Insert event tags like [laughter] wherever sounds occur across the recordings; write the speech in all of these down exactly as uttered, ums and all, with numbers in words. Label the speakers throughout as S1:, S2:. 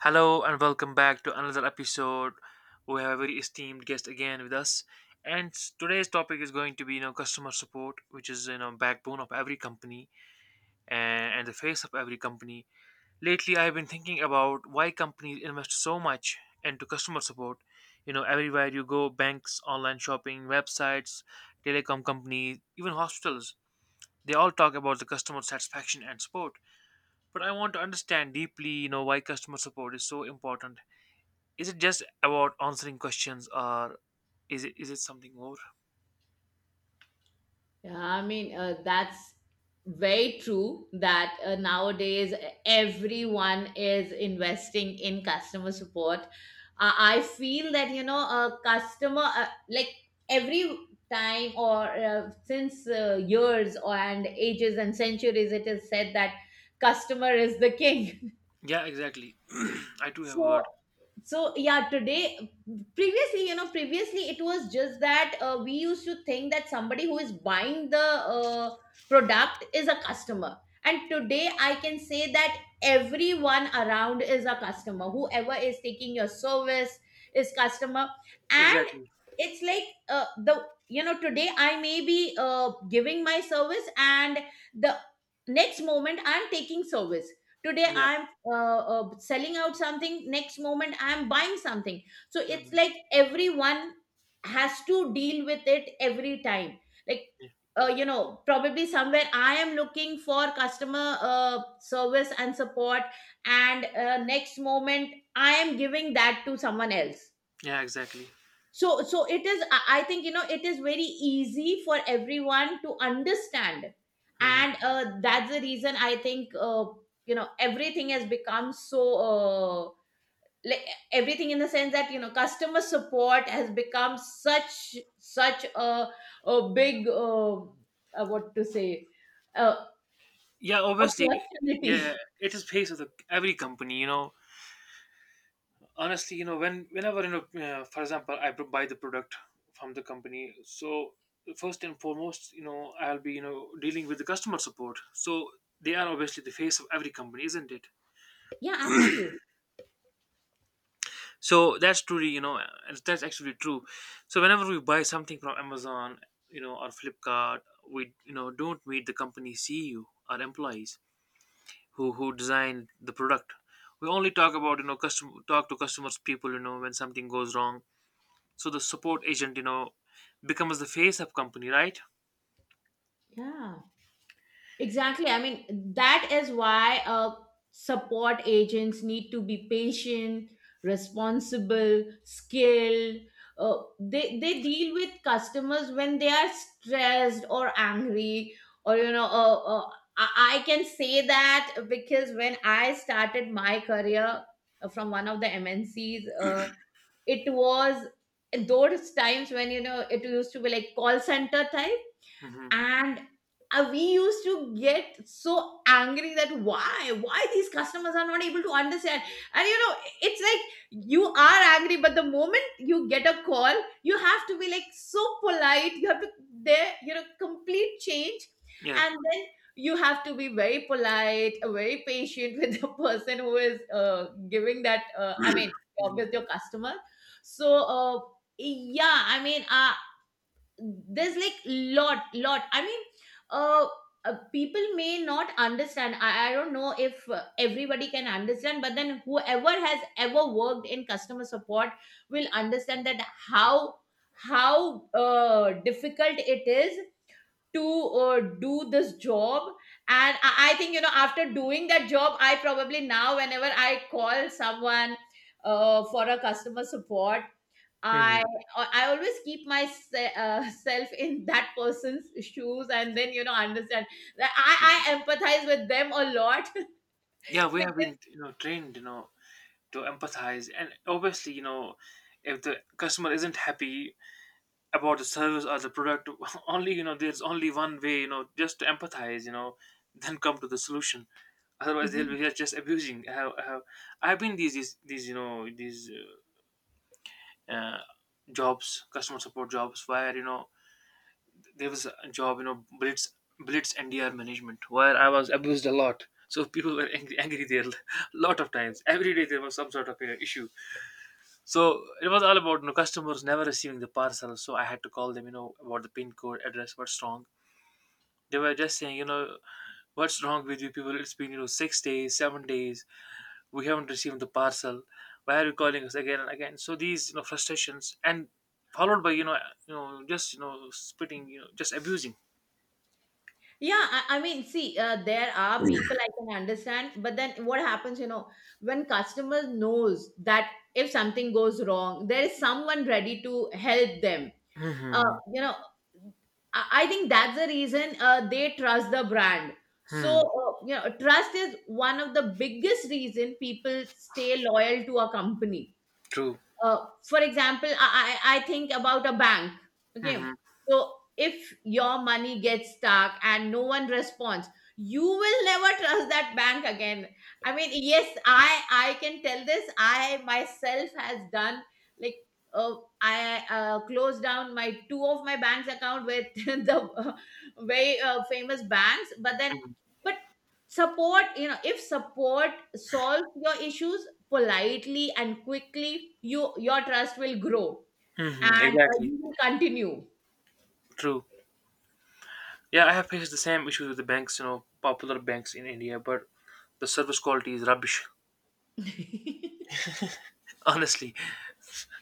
S1: Hello and welcome back to another episode. We have a very esteemed guest again with us, and s- today's topic is going to be you know customer support, which is you know backbone of every company and, and the face of every company. Lately, I've been thinking about why companies invest so much into customer support. You know, everywhere you go, banks, online shopping, websites, telecom companies, even hospitals, they all talk about the customer satisfaction and support. But I want to understand deeply, you know, why customer support is so important, is it just about answering questions, or is it is it something more?
S2: Yeah, I mean, uh, that's very true that uh, nowadays e, everyone is investing in customer support. Uh, I feel that, you know, a customer, uh, like every time or uh, since uh, years or and ages and centuries, it is said that customer is the king.
S1: Yeah, exactly. [clears throat] I do have
S2: so
S1: heard.
S2: so yeah, today, previously you know previously it was just that uh, we used to think that somebody who is buying the uh, product is a customer, and today I can say that everyone around is a customer. Whoever is taking your service is customer. And
S1: Exactly.
S2: it's like uh, the, you know, today I may be uh, giving my service, and the next moment I'm taking service. Today
S1: Yeah.
S2: I'm uh, uh, selling out something, next moment I am buying something. So it's
S1: Hmm.
S2: like everyone has to deal with it every time. Like,
S1: Yeah.
S2: uh, you know, probably somewhere I am looking for customer uh, service and support, and uh, next moment I am giving that to someone else.
S1: Yeah, exactly.
S2: So so it is, i I think, you know, it is very easy for everyone to understand.
S1: Hmm.
S2: And uh, that's the reason I think, uh, you know, everything has become so uh, like, everything in the sense that, you know, customer support has become such such a, a big uh, uh, what to say, uh,
S1: Yeah, obviously. Yeah,
S2: opportunity.
S1: it is face of the every company, you know honestly. You know when whenever you know uh, for example, I bu- buy the product from the company, so first and foremost, you know I'll be you know dealing with the customer support, so they are obviously the face of every company, isn't it?
S2: [laughs] Yeah, absolutely.
S1: So that's truly, you know, and that's actually true. So whenever we buy something from Amazon, you know, or Flipkart, we, you know, don't meet the company C E O or employees who who designed the product. We only talk about, you know, custom talk to customers people, you know, when something goes wrong. So the support agent, you know, becomes the face of company, right?
S2: Yeah. Exactly. I mean, that is why uh, support agents need to be patient, responsible, skilled. Uh, they they deal with customers when they are stressed or angry, or you know, uh, uh, I, I can say that because when I started my career uh, from one of the M N Cs, uh, it was those times when, you know, it used to be like call center type.
S1: Hmm.
S2: And uh, we used to get so angry that why why these customers are not able to understand. And you know, it's like you are angry, but the moment you get a call, you have to be like so polite, you have to, there, you know, complete change.
S1: Yeah.
S2: And then you have to be very polite, very patient, [laughs] with the person who is uh, giving that, uh, I mean,
S1: Hmm.
S2: with your customer. So uh, yeah, I mean, uh, there's like lot lot, I mean, uh, uh people may not understand. I, I don't know if uh, everybody can understand, but then whoever has ever worked in customer support will understand that how how uh, difficult it is to uh, do this job. And I, I think, you know, after doing that job, I probably now whenever I call someone uh, for a customer support, I
S1: Hmm.
S2: uh, I always keep myself [laughs] in that person's shoes, and then you know, understand that I I empathize with them a lot. [laughs]
S1: Yeah, we have
S2: Because,
S1: been, you know, trained, you know, to empathize, and obviously, you know, if the customer isn't happy about the service or the product, [laughs] only, you know, there's only one way, you know, just to empathize, you know, then come to the solution. Otherwise they'll
S2: mhm.
S1: be just just abusing. I have, I have, I've been these these, these you know these uh, uh, jobs, customer support jobs, where, you know, there was a job, you know, blitz. blitz N D R management, where I was abused a lot. So people were angry, angry there [laughs] a lot of times. Every day there was some sort of, you know, issue. So it was all about, you know, customers never receiving the parcel. So I had to call them, you know, about the pin code address, what's wrong. They were just saying, you know, what's wrong with you people? It's been, you know, six days, seven days. We haven't received the parcel. Why are you calling us again and again? So these, you know, frustrations and followed by, you know, you know, just, you know, spitting, you know, just abusing.
S2: Yeah, I, I mean, see, uh, there are people, I can understand, but then what happens, you know, when customer knows that if something goes wrong, there is someone ready to help them, uh,
S1: Mm-hmm.
S2: you know, i I think that's the reason uh, they trust the brand. So
S1: Hmm.
S2: uh, you know, trust is one of the biggest reason people stay loyal to a company.
S1: True.
S2: Uh, for example, I, I I think about a bank. Okay.
S1: Mm-hmm.
S2: So if your money gets stuck and no one responds, you will never trust that bank again. I mean, yes, I I can tell this. I myself has done, like, uh, I uh, closed down my two of my bank's account with [laughs] the uh, very uh, famous banks, but then,
S1: Hmm.
S2: but support, you know, if support solves your issues politely and quickly, you, your trust will grow.
S1: Hmm.
S2: And uh,
S1: Exactly.
S2: you will continue.
S1: True. Yeah, I have faced the same issues with the banks, you know, popular banks in India, but the service quality is rubbish. [laughs] Honestly,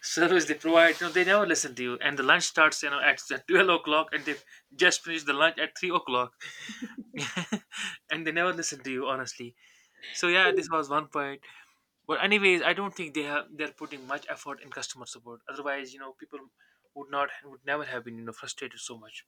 S1: service they provide, you know, they never listen to you. And the lunch starts, you know, at [laughs] twelve o'clock, and they just finished the lunch at three o'clock, [laughs] and they never listen to you, honestly. So yeah, this was one point. But anyways, I don't think they have, they're putting much effort in customer support. Otherwise, you know, people would not would never have been, you know, frustrated so much,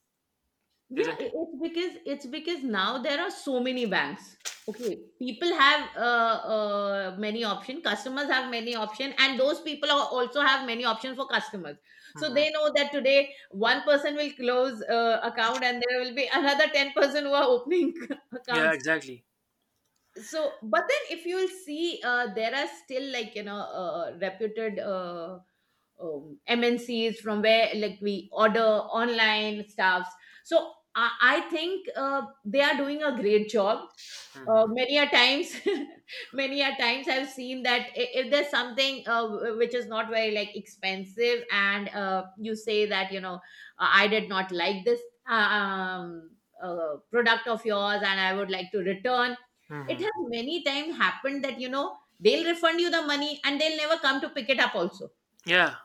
S2: yeah
S1: isn't
S2: i-
S1: it?
S2: It's because, it's because now there are so many banks. Okay. People have uh, uh, many option, customers have many option, and those people are also have many options for customers. So
S1: Hmm.
S2: they know that today one person will close uh, account, and there will be another ten person who are opening [laughs]
S1: Yeah,
S2: accounts.
S1: exactly.
S2: So but then if you will see, uh, there are still like, you know, uh, reputed uh, um, M N Cs, from where like we order online stuffs. So I, I think uh, they are doing a great job. Uh,
S1: Hmm.
S2: many a times, [laughs] many a times I've seen that i- if there's something uh, w- which is not very like expensive, and uh, you say that, you know, uh, I did not like this uh, um, uh, product of yours, and I would like to return. It
S1: Hmm.
S2: has many times happened that, you know, they'll refund you the money, and they'll never come to pick it up also.
S1: Yeah,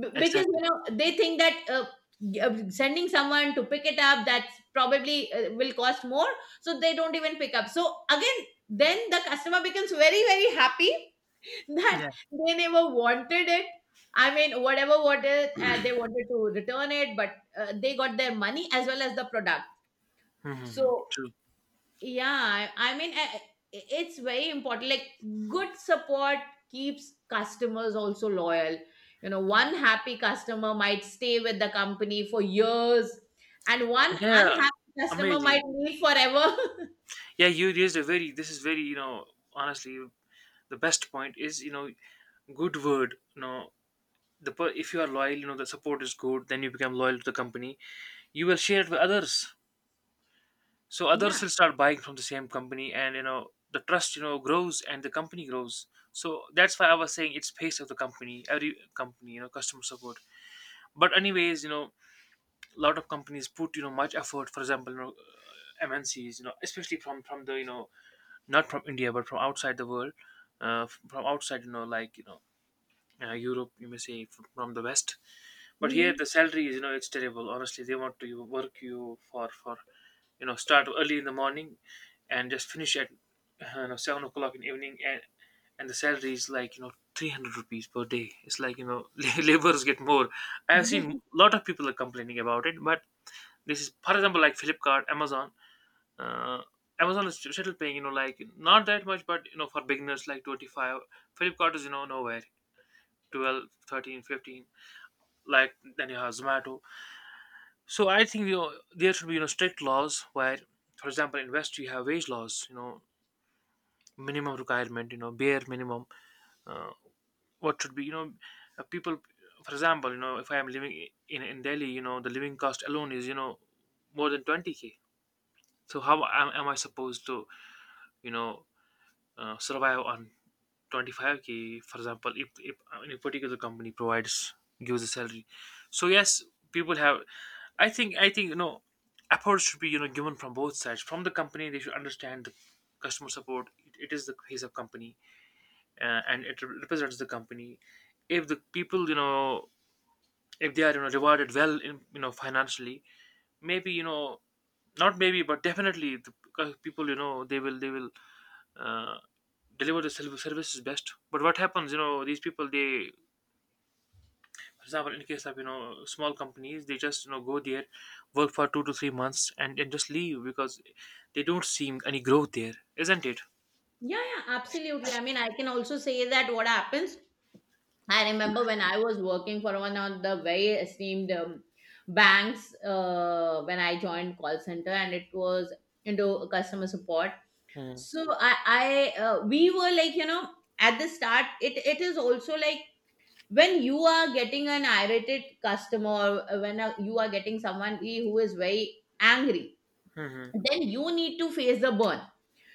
S2: B- because, you
S1: exactly.
S2: know, they think that uh, g- uh, sending someone to pick it up, that's probably uh, will cost more. So they don't even pick up, so again then the customer becomes very very happy [laughs]
S1: Yeah.
S2: that they never wanted it. I mean, whatever wanted, uh, they wanted to return it, but uh, they got their money as well as the product.
S1: Hmm.
S2: So
S1: True.
S2: yeah, I I mean, I- I- it's very important. Like, good support keeps customers also loyal. You know, one happy customer might stay with the company for years, and one
S1: Yeah,
S2: unhappy customer
S1: amazing.
S2: might leave forever. [laughs]
S1: Yeah, you used a very. This is very, you know, honestly the best point is, you know, good word, you know. The per- if you are loyal, you know, the support is good, then you become loyal to the company. You will share it with others, so others
S2: Yeah.
S1: will start buying from the same company, and you know, the trust, you know, grows, and the company grows. So that's why I was saying it's face of the company, every company, you know, customer support. But anyways, you know, a lot of companies put, you know, much effort, for example, you know uh, M N Cs, you know, especially from from the, you know, not from India, but from outside the world, uh, f- from outside, you know, like you know, uh, Europe, you may say, f- from the West. But here
S2: Hmm.
S1: the salary is, you know, it's terrible. Honestly, they want to you- work you for for you know, start early in the morning and just finish at uh, you know, seven o'clock in the evening, and and the salary is like, you know, three hundred rupees per day. It's like, you know, [laughs] laborers get more. I have seen a
S2: Yeah,
S1: lot of people are complaining about it, but this is, for example, like Flipkart, Amazon. Uh, Amazon is still paying, you know, like not that much, but you know, for beginners like twenty five, Flipkart is, you know, nowhere. twelve thirteen, fifteen, like then you have Zomato. So I think, you know, there should be, you know, strict laws where, for example, in West you have wage laws, you know, minimum requirement, you know, bare minimum. Uh, what should be, you know, uh, people, for example, you know, if I am living, i- in in Delhi, you know, the living cost alone is, you know, more than twenty k. So how am, am I supposed to, you know, uh, survive on twenty five k? For example, if if uh, any particular company provides gives a salary, so yes, people have, I think I think you know, approach should be, you know, given from both sides. From the company, they should understand the customer support. It, it is the face of company, uh, and it represents the company. If the people, you know, if they are, you know, rewarded well in, you know, financially, maybe, you know, not maybe, but definitely, the c- people, you know, they will they will uh, deliver the serv- services best. But what happens, you know, these people, they, for example, in case of, you know, small companies, they just, you know, go there, work for two to three months, and and just leave because they don't see any growth there, isn't it?
S2: yeah, absolutely. I mean, I can also say that what happens. I remember when I was working for one of the very esteemed um, banks uh, when I joined call center, and it was into customer support.
S1: Hmm.
S2: So I I uh, We were like, you know, at the start, it it is also like when you are getting an irritated customer, uh, when uh, you are getting someone who is very angry,
S1: Hmm.
S2: then you need to face the burn.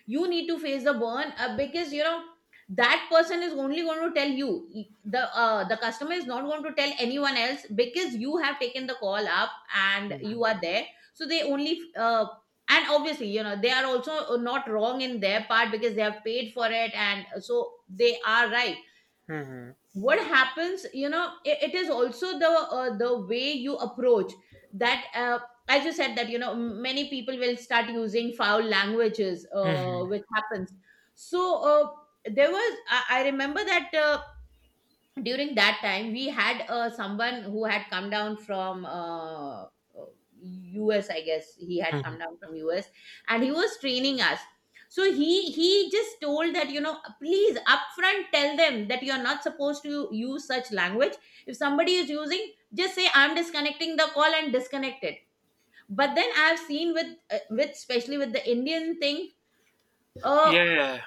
S2: You need to face the burn, uh, because you know, that person is only going to tell you, the uh, the customer is not going to tell anyone else because you have taken the call up and
S1: Hmm.
S2: you are there. So they only uh, and obviously, you know, they are also uh, not wrong in their part because they have paid for it, and so they are right.
S1: Hmm.
S2: What happens, you know, i- it is also the uh, the way you approach, that uh, as you said that, you know, many people will start using foul languages, uh,
S1: Hmm.
S2: which happens. So uh, there was, I, I remember that uh, during that time we had uh, someone who had come down from uh, uh, US, I guess he had
S1: Hmm.
S2: come down from US. And he was training us. So he he just told that, you know, please upfront tell them that you're not supposed to use such language. If somebody is using, just say I'm disconnecting the call, and disconnect it. But then I've seen with uh, with especially with the Indian thing, uh,
S1: Yeah.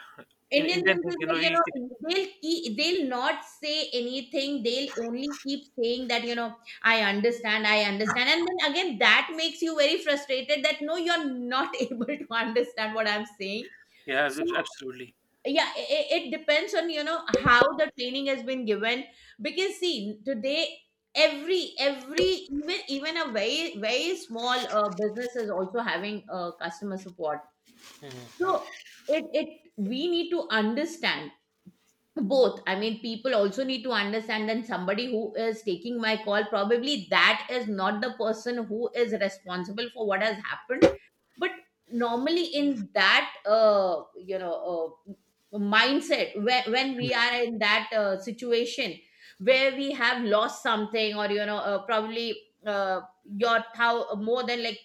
S1: In
S2: Indian
S1: Indian
S2: things
S1: thing,
S2: is
S1: you know,
S2: like, you
S1: you can,
S2: know, they'll keep, they'll not say anything. They'll only keep saying that, you know, I understand, I understand. And then again, that makes you very frustrated that no, you're not [laughs] able to understand what I'm saying.
S1: yeah,
S2: So
S1: abs- absolutely.
S2: yeah, it, it depends on, you know, how the training has been given. Because see, today every every even even a very very small uh, business is also having uh, customer support.
S1: Hmm.
S2: So it it we need to understand both. I mean, people also need to understand that somebody who is taking my call, probably that is not the person who is responsible for what has happened. But normally in that uh, you know, uh, mindset where, when we are in that uh, situation where we have lost something, or you know, uh, probably uh, your thou- more than like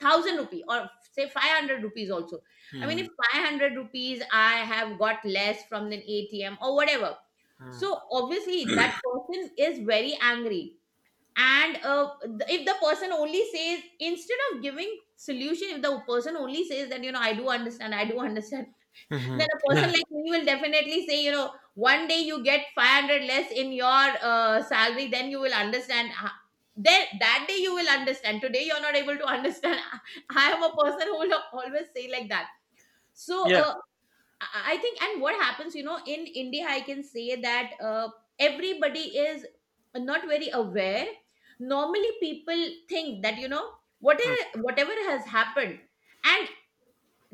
S2: thousand rupee or say five hundred rupees also. I mean,
S1: Hmm.
S2: if five hundred rupees I have got less from an A T M or whatever,
S1: Hmm.
S2: so obviously that person is very angry. And uh, th- if the person only says, instead of giving solution, if the person only says that, you know, I do understand, I do [laughs] understand,
S1: Hmm.
S2: then a person
S1: Yeah.
S2: like me will definitely say, you know, one day you get five hundred less in your uh, salary, then you will understand. ho- Then that day you will understand. Today you're not able to understand. [laughs] I am a person who will always say like that. So
S1: Yeah.
S2: uh, I I think, and what happens, you know, in India, I can say that uh, everybody is not very aware. Normally, people think that, you know,
S1: Hmm.
S2: whatever whatever has happened, and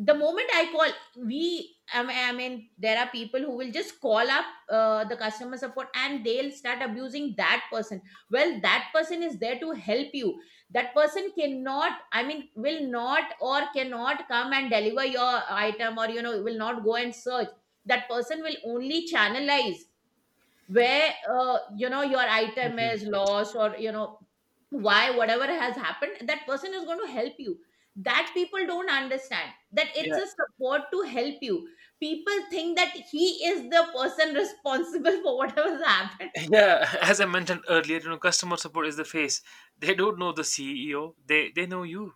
S2: the moment I call, we, I mean, I mean, there are people who will just call up uh, the customer support, and they'll start abusing that person. Well, that person is there to help you. That person cannot, I mean, will not or cannot come and deliver your item, or, you know, will not go and search. That person will only channelize where uh, you know your item
S1: Hmm.
S2: is lost or you know why whatever has happened, that person is going to help you. That people don't understand that it's
S1: Yeah.
S2: a support to help you. People think that he is the person [laughs] responsible for whatever's happened.
S1: Yeah, [laughs] as I mentioned earlier, you know, customer support is the face. They don't know the C E O, they they know you.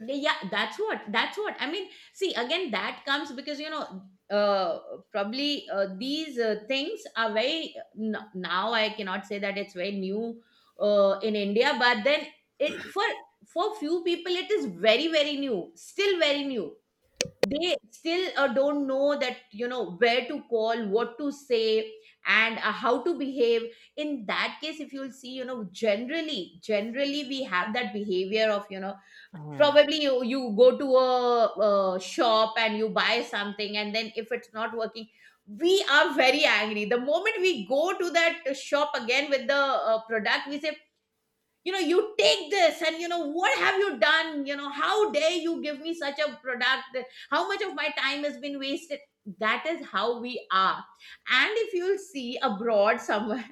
S2: Yeah, that's what that's what I mean. See, again, that comes because you know, uh probably uh, these uh, things are very n- now I cannot say that it's very new uh, in India, but then it for for few people it is very very new, still very new. They still uh, don't know that you know where to call, what to say, and uh, how to behave. In that case, if you'll see, you know, generally generally we have that behavior of, you know,
S1: Hmm.
S2: probably you you go to a, a shop and you buy something, and then if it's not working, we are very angry. The moment we go to that shop again with the uh, product, we say, you know, you take this and you know what have you done, you know, how dare you give me such a product, how much of my time has been wasted. That is how we are. And if you'll see abroad somewhere,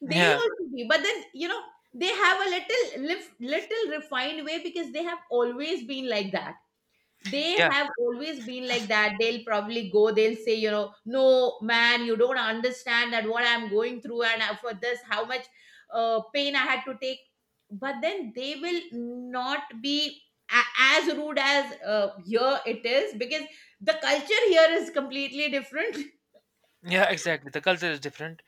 S2: they'll
S1: Yeah.
S2: also be, but then you know, they have a little lif- little refined way because they have always been like that. They
S1: Yeah.
S2: have always been like that. They'll probably go. They'll say, you know, no man, you don't understand that what I'm going through and uh, for this how much uh, pain I had to take. But then they will not be a- as rude as uh, here it is because the culture here is completely different. [laughs]
S1: Yeah, exactly. The culture is different.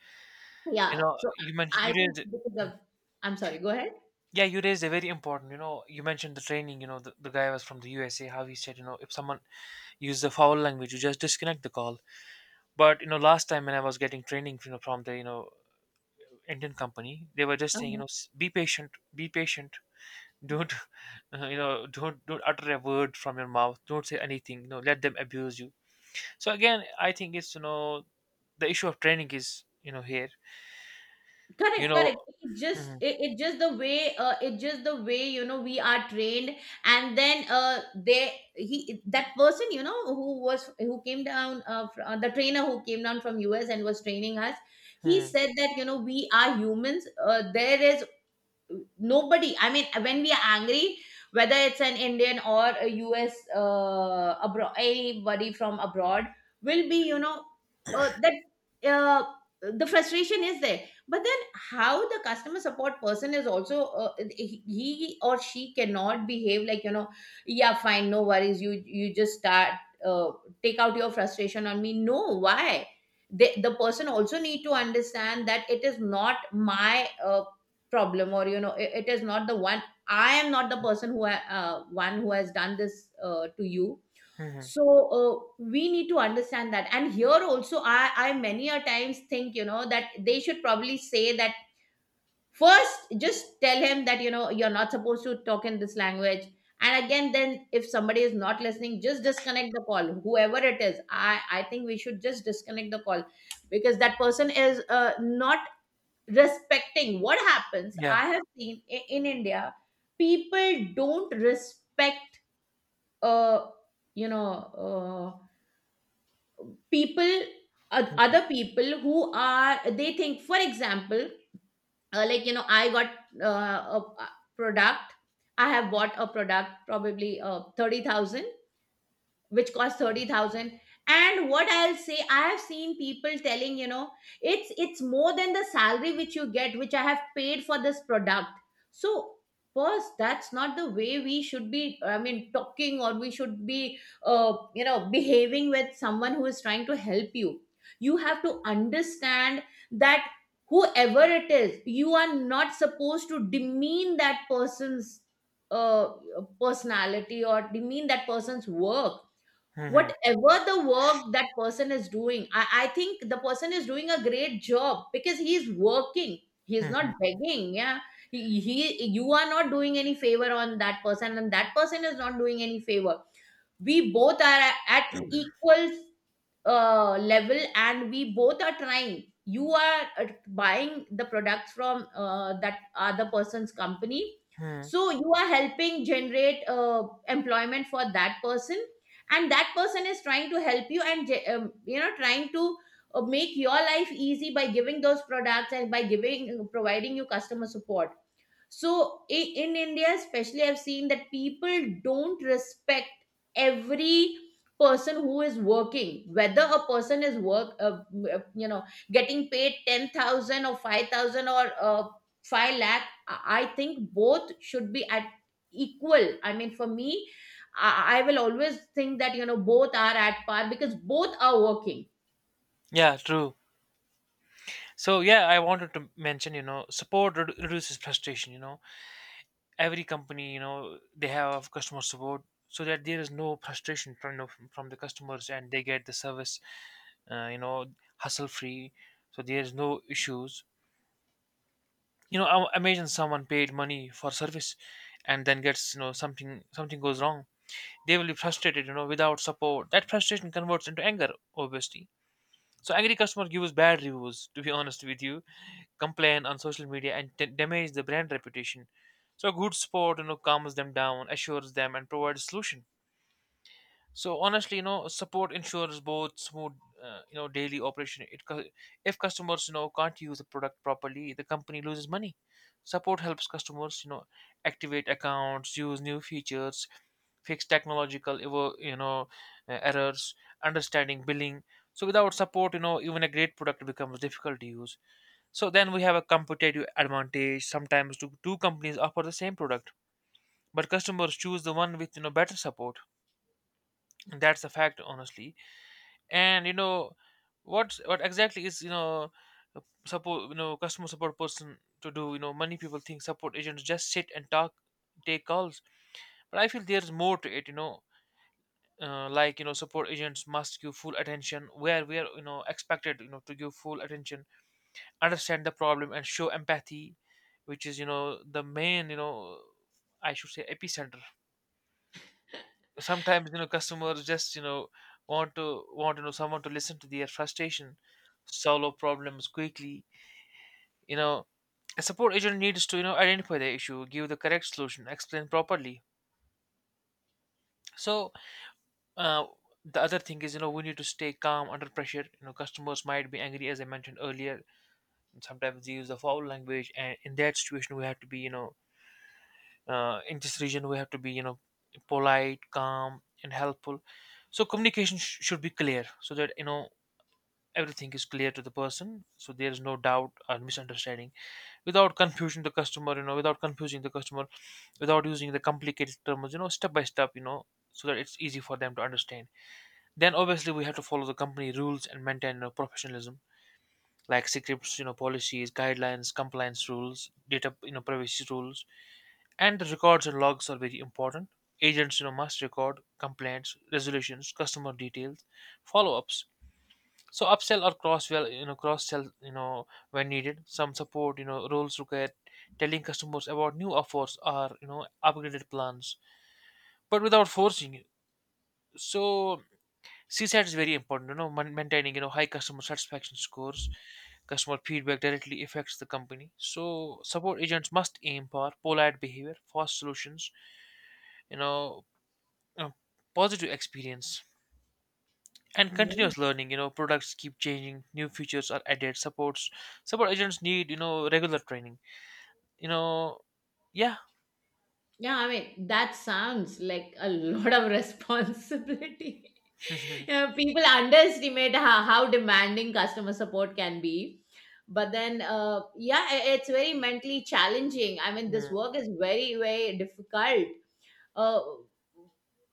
S1: You
S2: Yeah.
S1: know,
S2: So
S1: you mentioned you
S2: I think
S1: raised,
S2: because of, I'm sorry. Go ahead.
S1: yeah, you raised a very important, you know, you mentioned the training, you know, the, the guy was from the U S A, how he said, you know, if someone uses the foul language, you just disconnect the call. But, you know, last time when I was getting training, you know, from the, you know, Indian company, they were just saying, you know, "S- Be patient, be patient. Don't, [laughs] you know, don't don't utter a word from your mouth. Don't say anything. You know, let them abuse you." So again, I think it's, you know, the issue of training is, you know, here. You
S2: correct
S1: know,
S2: correct It
S1: hmm.
S2: just, it, it just the way, uh, it just the way, you know, we are trained. And then uh they he that person, you know, who was, who came down, uh, fr- uh the trainer who came down from US and was training us, he
S1: Hmm,
S2: said that you know we are humans. Uh, there is nobody, I mean, when we are angry, whether it's an Indian or a US, uh abroad, anybody from abroad, will be, you know, uh, that uh, the frustration is there. But then, how the customer support person is also, uh, he he or she cannot behave like, you know, yeah fine, no worries, you you just start, uh, take out your frustration on me. No, why? They, the person also need to understand that it is not my uh, problem, or you know, it, it is not the one, I am not the person who ha- uh, one who has done this uh, to you.
S1: hmm. Hmm.
S2: So uh, we need to understand that. And here also, i i many a times think, you know, that they should probably say that, first just tell him that you know you're not supposed to talk in this language. And again then, if somebody is not listening, just disconnect the call. Whoever it is, i i think we should just disconnect the call because that person is uh, not respecting. What happens,
S1: Yeah.
S2: I have seen i- in India, people don't respect, uh you know, uh, people, oth- other people who are, they think. For example, uh, like, you know, I got uh, a a product, I have bought a product, probably uh, thirty thousand, which cost thirty thousand. And what I'll say, I have seen people telling, you know, it's it's more than the salary which you get, which I have paid for this product. So first, that's not the way we should be, I mean, talking, or we should be uh, you know, behaving with someone who is trying to help you. You have to understand that, whoever it is, you are not supposed to demean that person's uh, personality, or demean that person's work.
S1: Mhm.
S2: Whatever the work that person is doing, I, I think the person is doing a great job because he's working, he's
S1: Mhm.
S2: not begging. Yeah, he, he you are not doing any favor on that person, and that person is not doing any favor. We both are at equal uh, level, and we both are trying. You are uh, buying the products from uh, that other person's company.
S1: Mhm.
S2: So you are helping generate uh, employment for that person, and that person is trying to help you, and ge- um, you know, trying to uh, make your life easy by giving those products and by giving, providing you customer support. So i- in India, especially, I've seen that people don't respect every person who is working, whether a person is work, uh, uh, you know, getting paid ten thousand or five thousand or uh, five lakh. I I think both should be at equal. I mean, for me, I I will always think that you know both are at par because both are working.
S1: Yeah, true. So yeah, I wanted to mention, you know, support redu- reduces frustration, you know. Every company, you know, they have customer support so that there is no frustration from the, from the customers, and they get the service, uh, you know, hassle free. So there is no issues. You know, I- imagine someone paid money for service and then gets, you know, something something goes wrong. They will be frustrated, you know. Without support, that frustration converts into anger, obviously. So angry customer gives bad reviews, to be honest with you, complain on social media, and t- damage the brand reputation. So a good support, you know, calms them down, assures them, and provides solution. So honestly, you know, support ensures both smooth, uh, you know, daily operation. It co- if customers, you know, can't use the product properly, the company loses money. Support helps customers, you know, activate accounts, use new features, fix technological evo- you know uh, errors, understanding billing. So without support, you know, even a great product becomes difficult to use. So then we have a competitive advantage. Sometimes two, two companies offer the same product, but customers choose the one with, you know, better support. That's a fact, honestly. And you know, what's what exactly is, you know, uh, support, you know, customer support person to do. You know, many people think support agents just sit and talk, take calls, but I feel there's more to it, you know. Uh, like you know, support agents must give full attention, where we are, you know, expected, you know, to give full attention, understand the problem and show empathy, which is, you know, the main, you know, I should say, epicenter. Sometimes, you know, customers just, you know, want to want, you know, someone to listen to their frustration, solve problems quickly, you know. A support agent needs to, you know, identify the issue, give the correct solution, explain properly. So uh, the other thing is, you know, we need to stay calm under pressure. You know, customers might be angry, as I mentioned earlier. Sometimes they use the foul language, and in that situation we have to be, you know, uh, in this region we have to be, you know, polite, calm and helpful. So communication sh- should be clear, so that, you know, everything is clear to the person, so there is no doubt or misunderstanding, without confusing the customer, you know, without confusing the customer, without using the complicated terms, you know, step by step, you know, so that it's easy for them to understand. Then obviously we have to follow the company rules and maintain, you know, professionalism, like scripts, you know, policies, guidelines, compliance rules, data, you know, privacy rules, and the records and logs are very important. Agents, you know, must record complaints, resolutions, customer details, follow-ups. So upsell or cross well, you know, cross sell, you know, when needed. Some support, you know, roles require telling customers about new offers or, you know, upgraded plans, but without forcing it. So CSAT is very important, you know, man- maintaining, you know, high customer satisfaction scores. Customer feedback directly affects the company. So support agents must aim for polite behavior, fast solutions, you know, uh, positive experience and continuous learning. You know, products keep changing, new features are added, supports. Support agents need, you know, regular training. You know, yeah.
S2: Yeah, I mean, that sounds like a [laughs] lot of responsibility. [laughs]
S1: [laughs]
S2: Yeah, people underestimate how, how demanding customer support can be. But then, uh, yeah, i- it's very mentally challenging. I mean, this
S1: Hmm,
S2: work is very, very difficult. uh,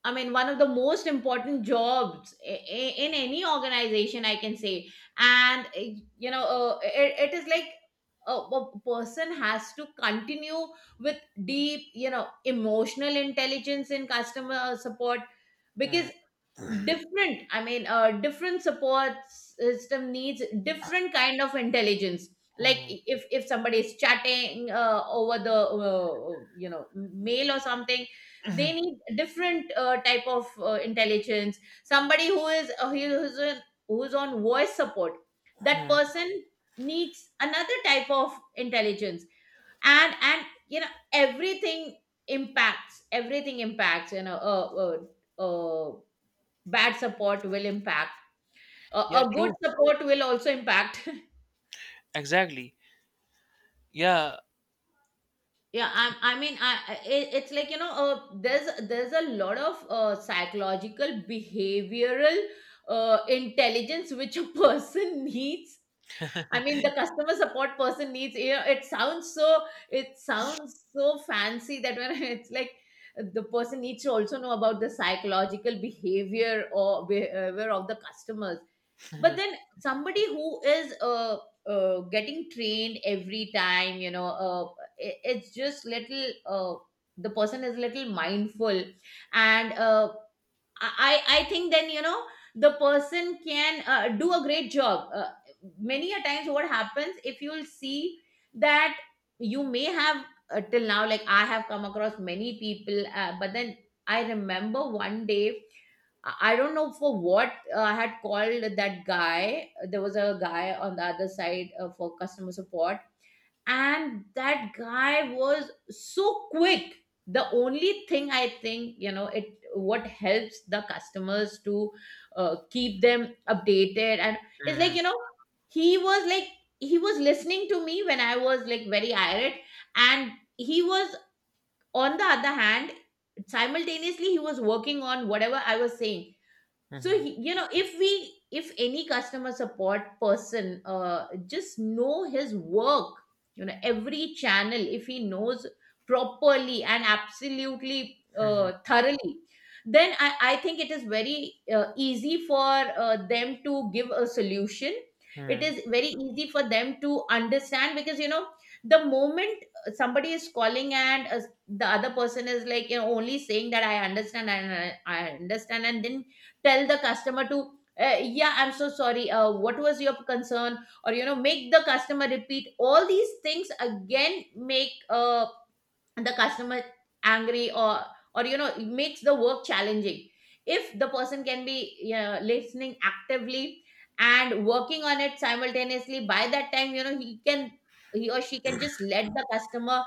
S2: I mean, one of the most important jobs i- i- in any organization, I can say. And, uh, you know, uh, it, it is like a, a person has to continue with deep, you know, emotional intelligence in customer support
S1: hmm,
S2: because different, I mean, uh, different support system needs different kind of intelligence. Like
S1: hmm,
S2: if if somebody is chatting uh, over the uh, you know, mail or something, they need different uh, type of uh, intelligence. Somebody who is uh, who's, on, who's on voice support, that
S1: hmm.
S2: person needs another type of intelligence. And and you know, everything impacts. Everything impacts, you know, uh, uh, uh, bad support will impact. A,
S1: Yeah,
S2: a good
S1: true.
S2: support will also impact.
S1: Exactly. Yeah.
S2: [laughs] Yeah, I, I mean, I, I- it, it's like, you know, uh, there's there's a lot of uh, psychological, behavioral uh, intelligence which a person [laughs] needs. I mean, the customer support person needs. You know, it sounds so, it sounds so fancy that when, [laughs] it's like the person needs to also know about the psychological behavior or behavior of the customers.
S1: [laughs]
S2: But then somebody who is uh, uh getting trained every time, you know, uh it- it's just little uh the person is little mindful, and uh I, I think then you know the person can uh, do a great job. Uh, many a times, what happens if you'll see that, you may have uh, till now, like I have come across many people, uh, but then I remember one day, I I don't know for what, uh, I had called that guy. There was a guy on the other side uh, for customer support, and that guy was so quick. The only thing I think, you know, it what helps the customers to uh, keep them updated and, it's like,
S1: Hmm,
S2: you know, he was like, he was listening to me when I was like very irate, and he was, on the other hand, simultaneously he was working on whatever I was saying. So
S1: hmm,
S2: he, you know, if we, if any customer support person uh, just know his work, you know, every channel, if he knows properly and absolutely
S1: hmm,
S2: uh, thoroughly, then I, I think it is very uh, easy for uh, them to give a solution. It
S1: hmm.
S2: is very easy for them to understand because you know the moment somebody is calling and uh, the other person is like, you know, only saying that I understand and i, I understand and then tell the customer to, uh, yeah, I'm so sorry, uh, what was your concern, or you know, make the customer repeat all these things again, make uh, the customer angry, or or you know it makes the work challenging. If the person can be, you know, listening actively and working on it simultaneously, by that time, you know, he can, he or she can just let the customer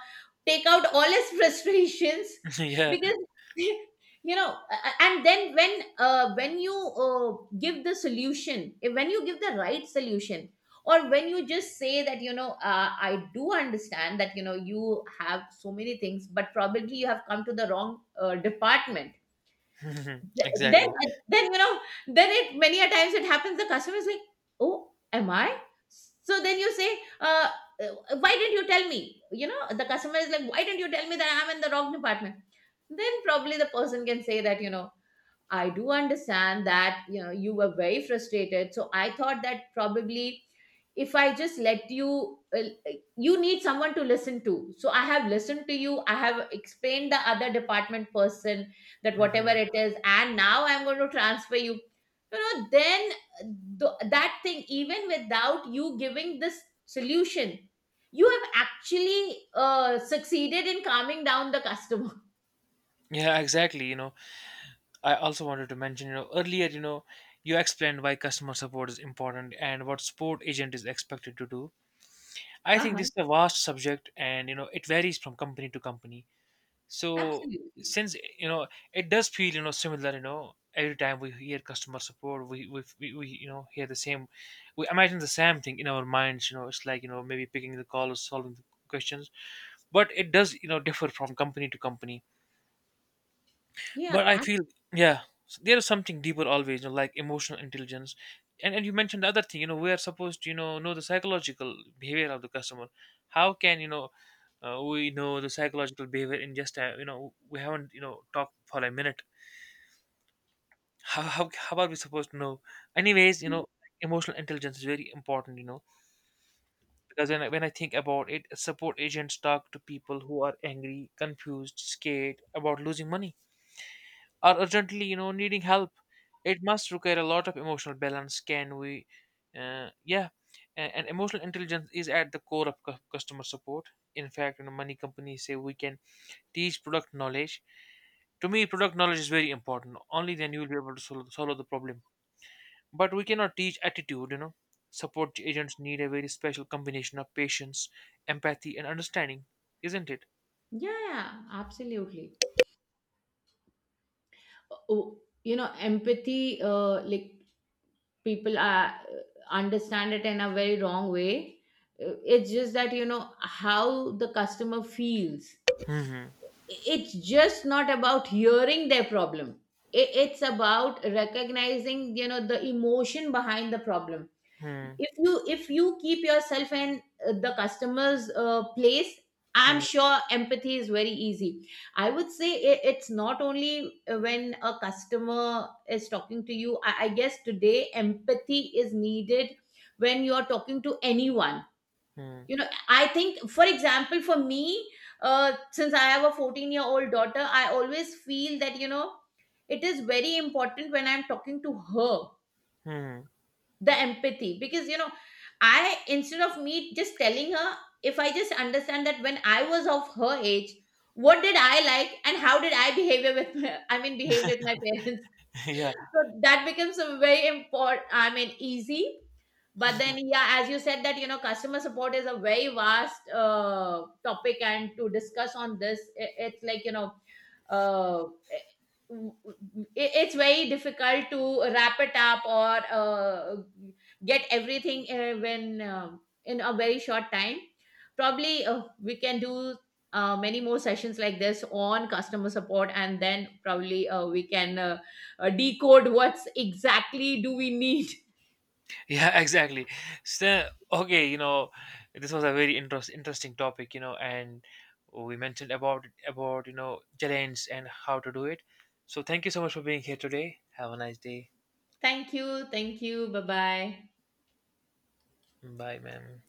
S2: take out all his frustrations.
S1: [laughs]
S2: [laughs]
S1: Yeah.
S2: Because [laughs] you know, a- a- and then when, uh, when you, uh, give the solution, when you give the right solution, or when you just say that you know uh, I do understand that you know you have so many things, but probably you have come to the wrong uh, department.
S1: [laughs] Mhm,
S2: Th- then,
S1: exactly.
S2: then you know, then it, many a times it happens, the customer is like, oh, am I? So then you say, uh, uh, why didn't you tell me? You know the customer is like, why didn't you tell me that I'm in the wrong department? Then probably the person can say that, you know, I do understand that you know you were very frustrated. So I thought that, probably if I just let you, uh, you need someone to listen to. So I have listened to you. I have explained the other department person that whatever
S1: Mhm.
S2: it is, and now I'm going to transfer you. You know, then, th- that thing, even without you giving this solution, you have actually uh, succeeded in calming down the customer. [laughs]
S1: Yeah, exactly. You know, I also wanted to mention, you know, earlier, you know, you explained why customer support is important and what support agent is expected to do. I think
S2: Uh-huh.
S1: this is a vast subject and, you know, it varies from company to company. So,
S2: Absolutely.
S1: since, you know, it does feel, you know, similar, you know, every time we hear customer support, we, we, we, we you know, hear the same, we imagine the same thing in our minds, you know, it's like, you know, maybe picking the call or solving the questions, but it does, you know, differ from company to company.
S2: Yeah,
S1: But I feel, yeah, s- there is something deeper always, you know, like emotional intelligence. And, and you mentioned the other thing, you know, we are supposed to, you know, know the psychological behavior of the customer. How can, you know, uh, we know the psychological behavior in just, a, you know, we haven't, you know, talked for a minute. How, how, how are we supposed to know? Anyways, you know, emotional intelligence is very important, you know, because when I, when I think about it, support agents talk to people who are angry, confused, scared about losing money, are urgently, you know, needing help. It must require a lot of emotional balance. Can we, uh, yeah, and, and emotional intelligence is at the core of cu- customer support. In fact, you know, many companies say we can teach product knowledge. To me, product knowledge is very important. Only then you will be able to solve, solve the problem. But we cannot teach attitude. You know, support agents need a very special combination of patience, empathy, and understanding, isn't it?
S2: Yeah, yeah, yeah, absolutely. Oh, you know, empathy, uh, like, people are, understand it in a very wrong way. Uh, It's just that, you know, how the customer feels.
S1: Hmm.
S2: I- It's just not about hearing their problem. I- It's about recognizing, you know, the emotion behind the problem.
S1: Hmm.
S2: If you, if you keep yourself in uh, the customer's uh, place, I'm
S1: Hmm.
S2: sure empathy is very easy. I would say, i- it's not only uh, when a customer is talking to you, I, I guess today empathy is needed when you're talking to anyone.
S1: Hmm.
S2: You know, I think, for example, for me, uh, since I have a fourteen year old daughter, I always feel that you know it is very important when I'm talking to her,
S1: Hmm.
S2: the empathy, because you know, I, instead of me just telling her, if I just understand that when I was of her age, what did I like and how did I behave with my, [laughs] I mean, behave with my parents,
S1: [laughs]
S2: [laughs]
S1: Yeah.
S2: so that becomes a very important, I mean, easy. But then, yeah, as you said that you know customer support is a very vast uh, topic, and to discuss on this i- it's like, you know, uh, it- it's very difficult to wrap it up or uh, get everything uh, when uh, in a very short time. Probably uh, we can do uh, many more sessions like this on customer support, and then probably uh, we can uh, uh, decode what's exactly do we need.
S1: Yeah, [laughs] exactly. So, okay, you know, this was a very interest, interesting topic, you know, and we mentioned about about you know challenge and how to do it. So, thank you so much for being here today. Have a nice day.
S2: [laughs] Thank you, thank you, bye bye.
S1: Bye, ma'am.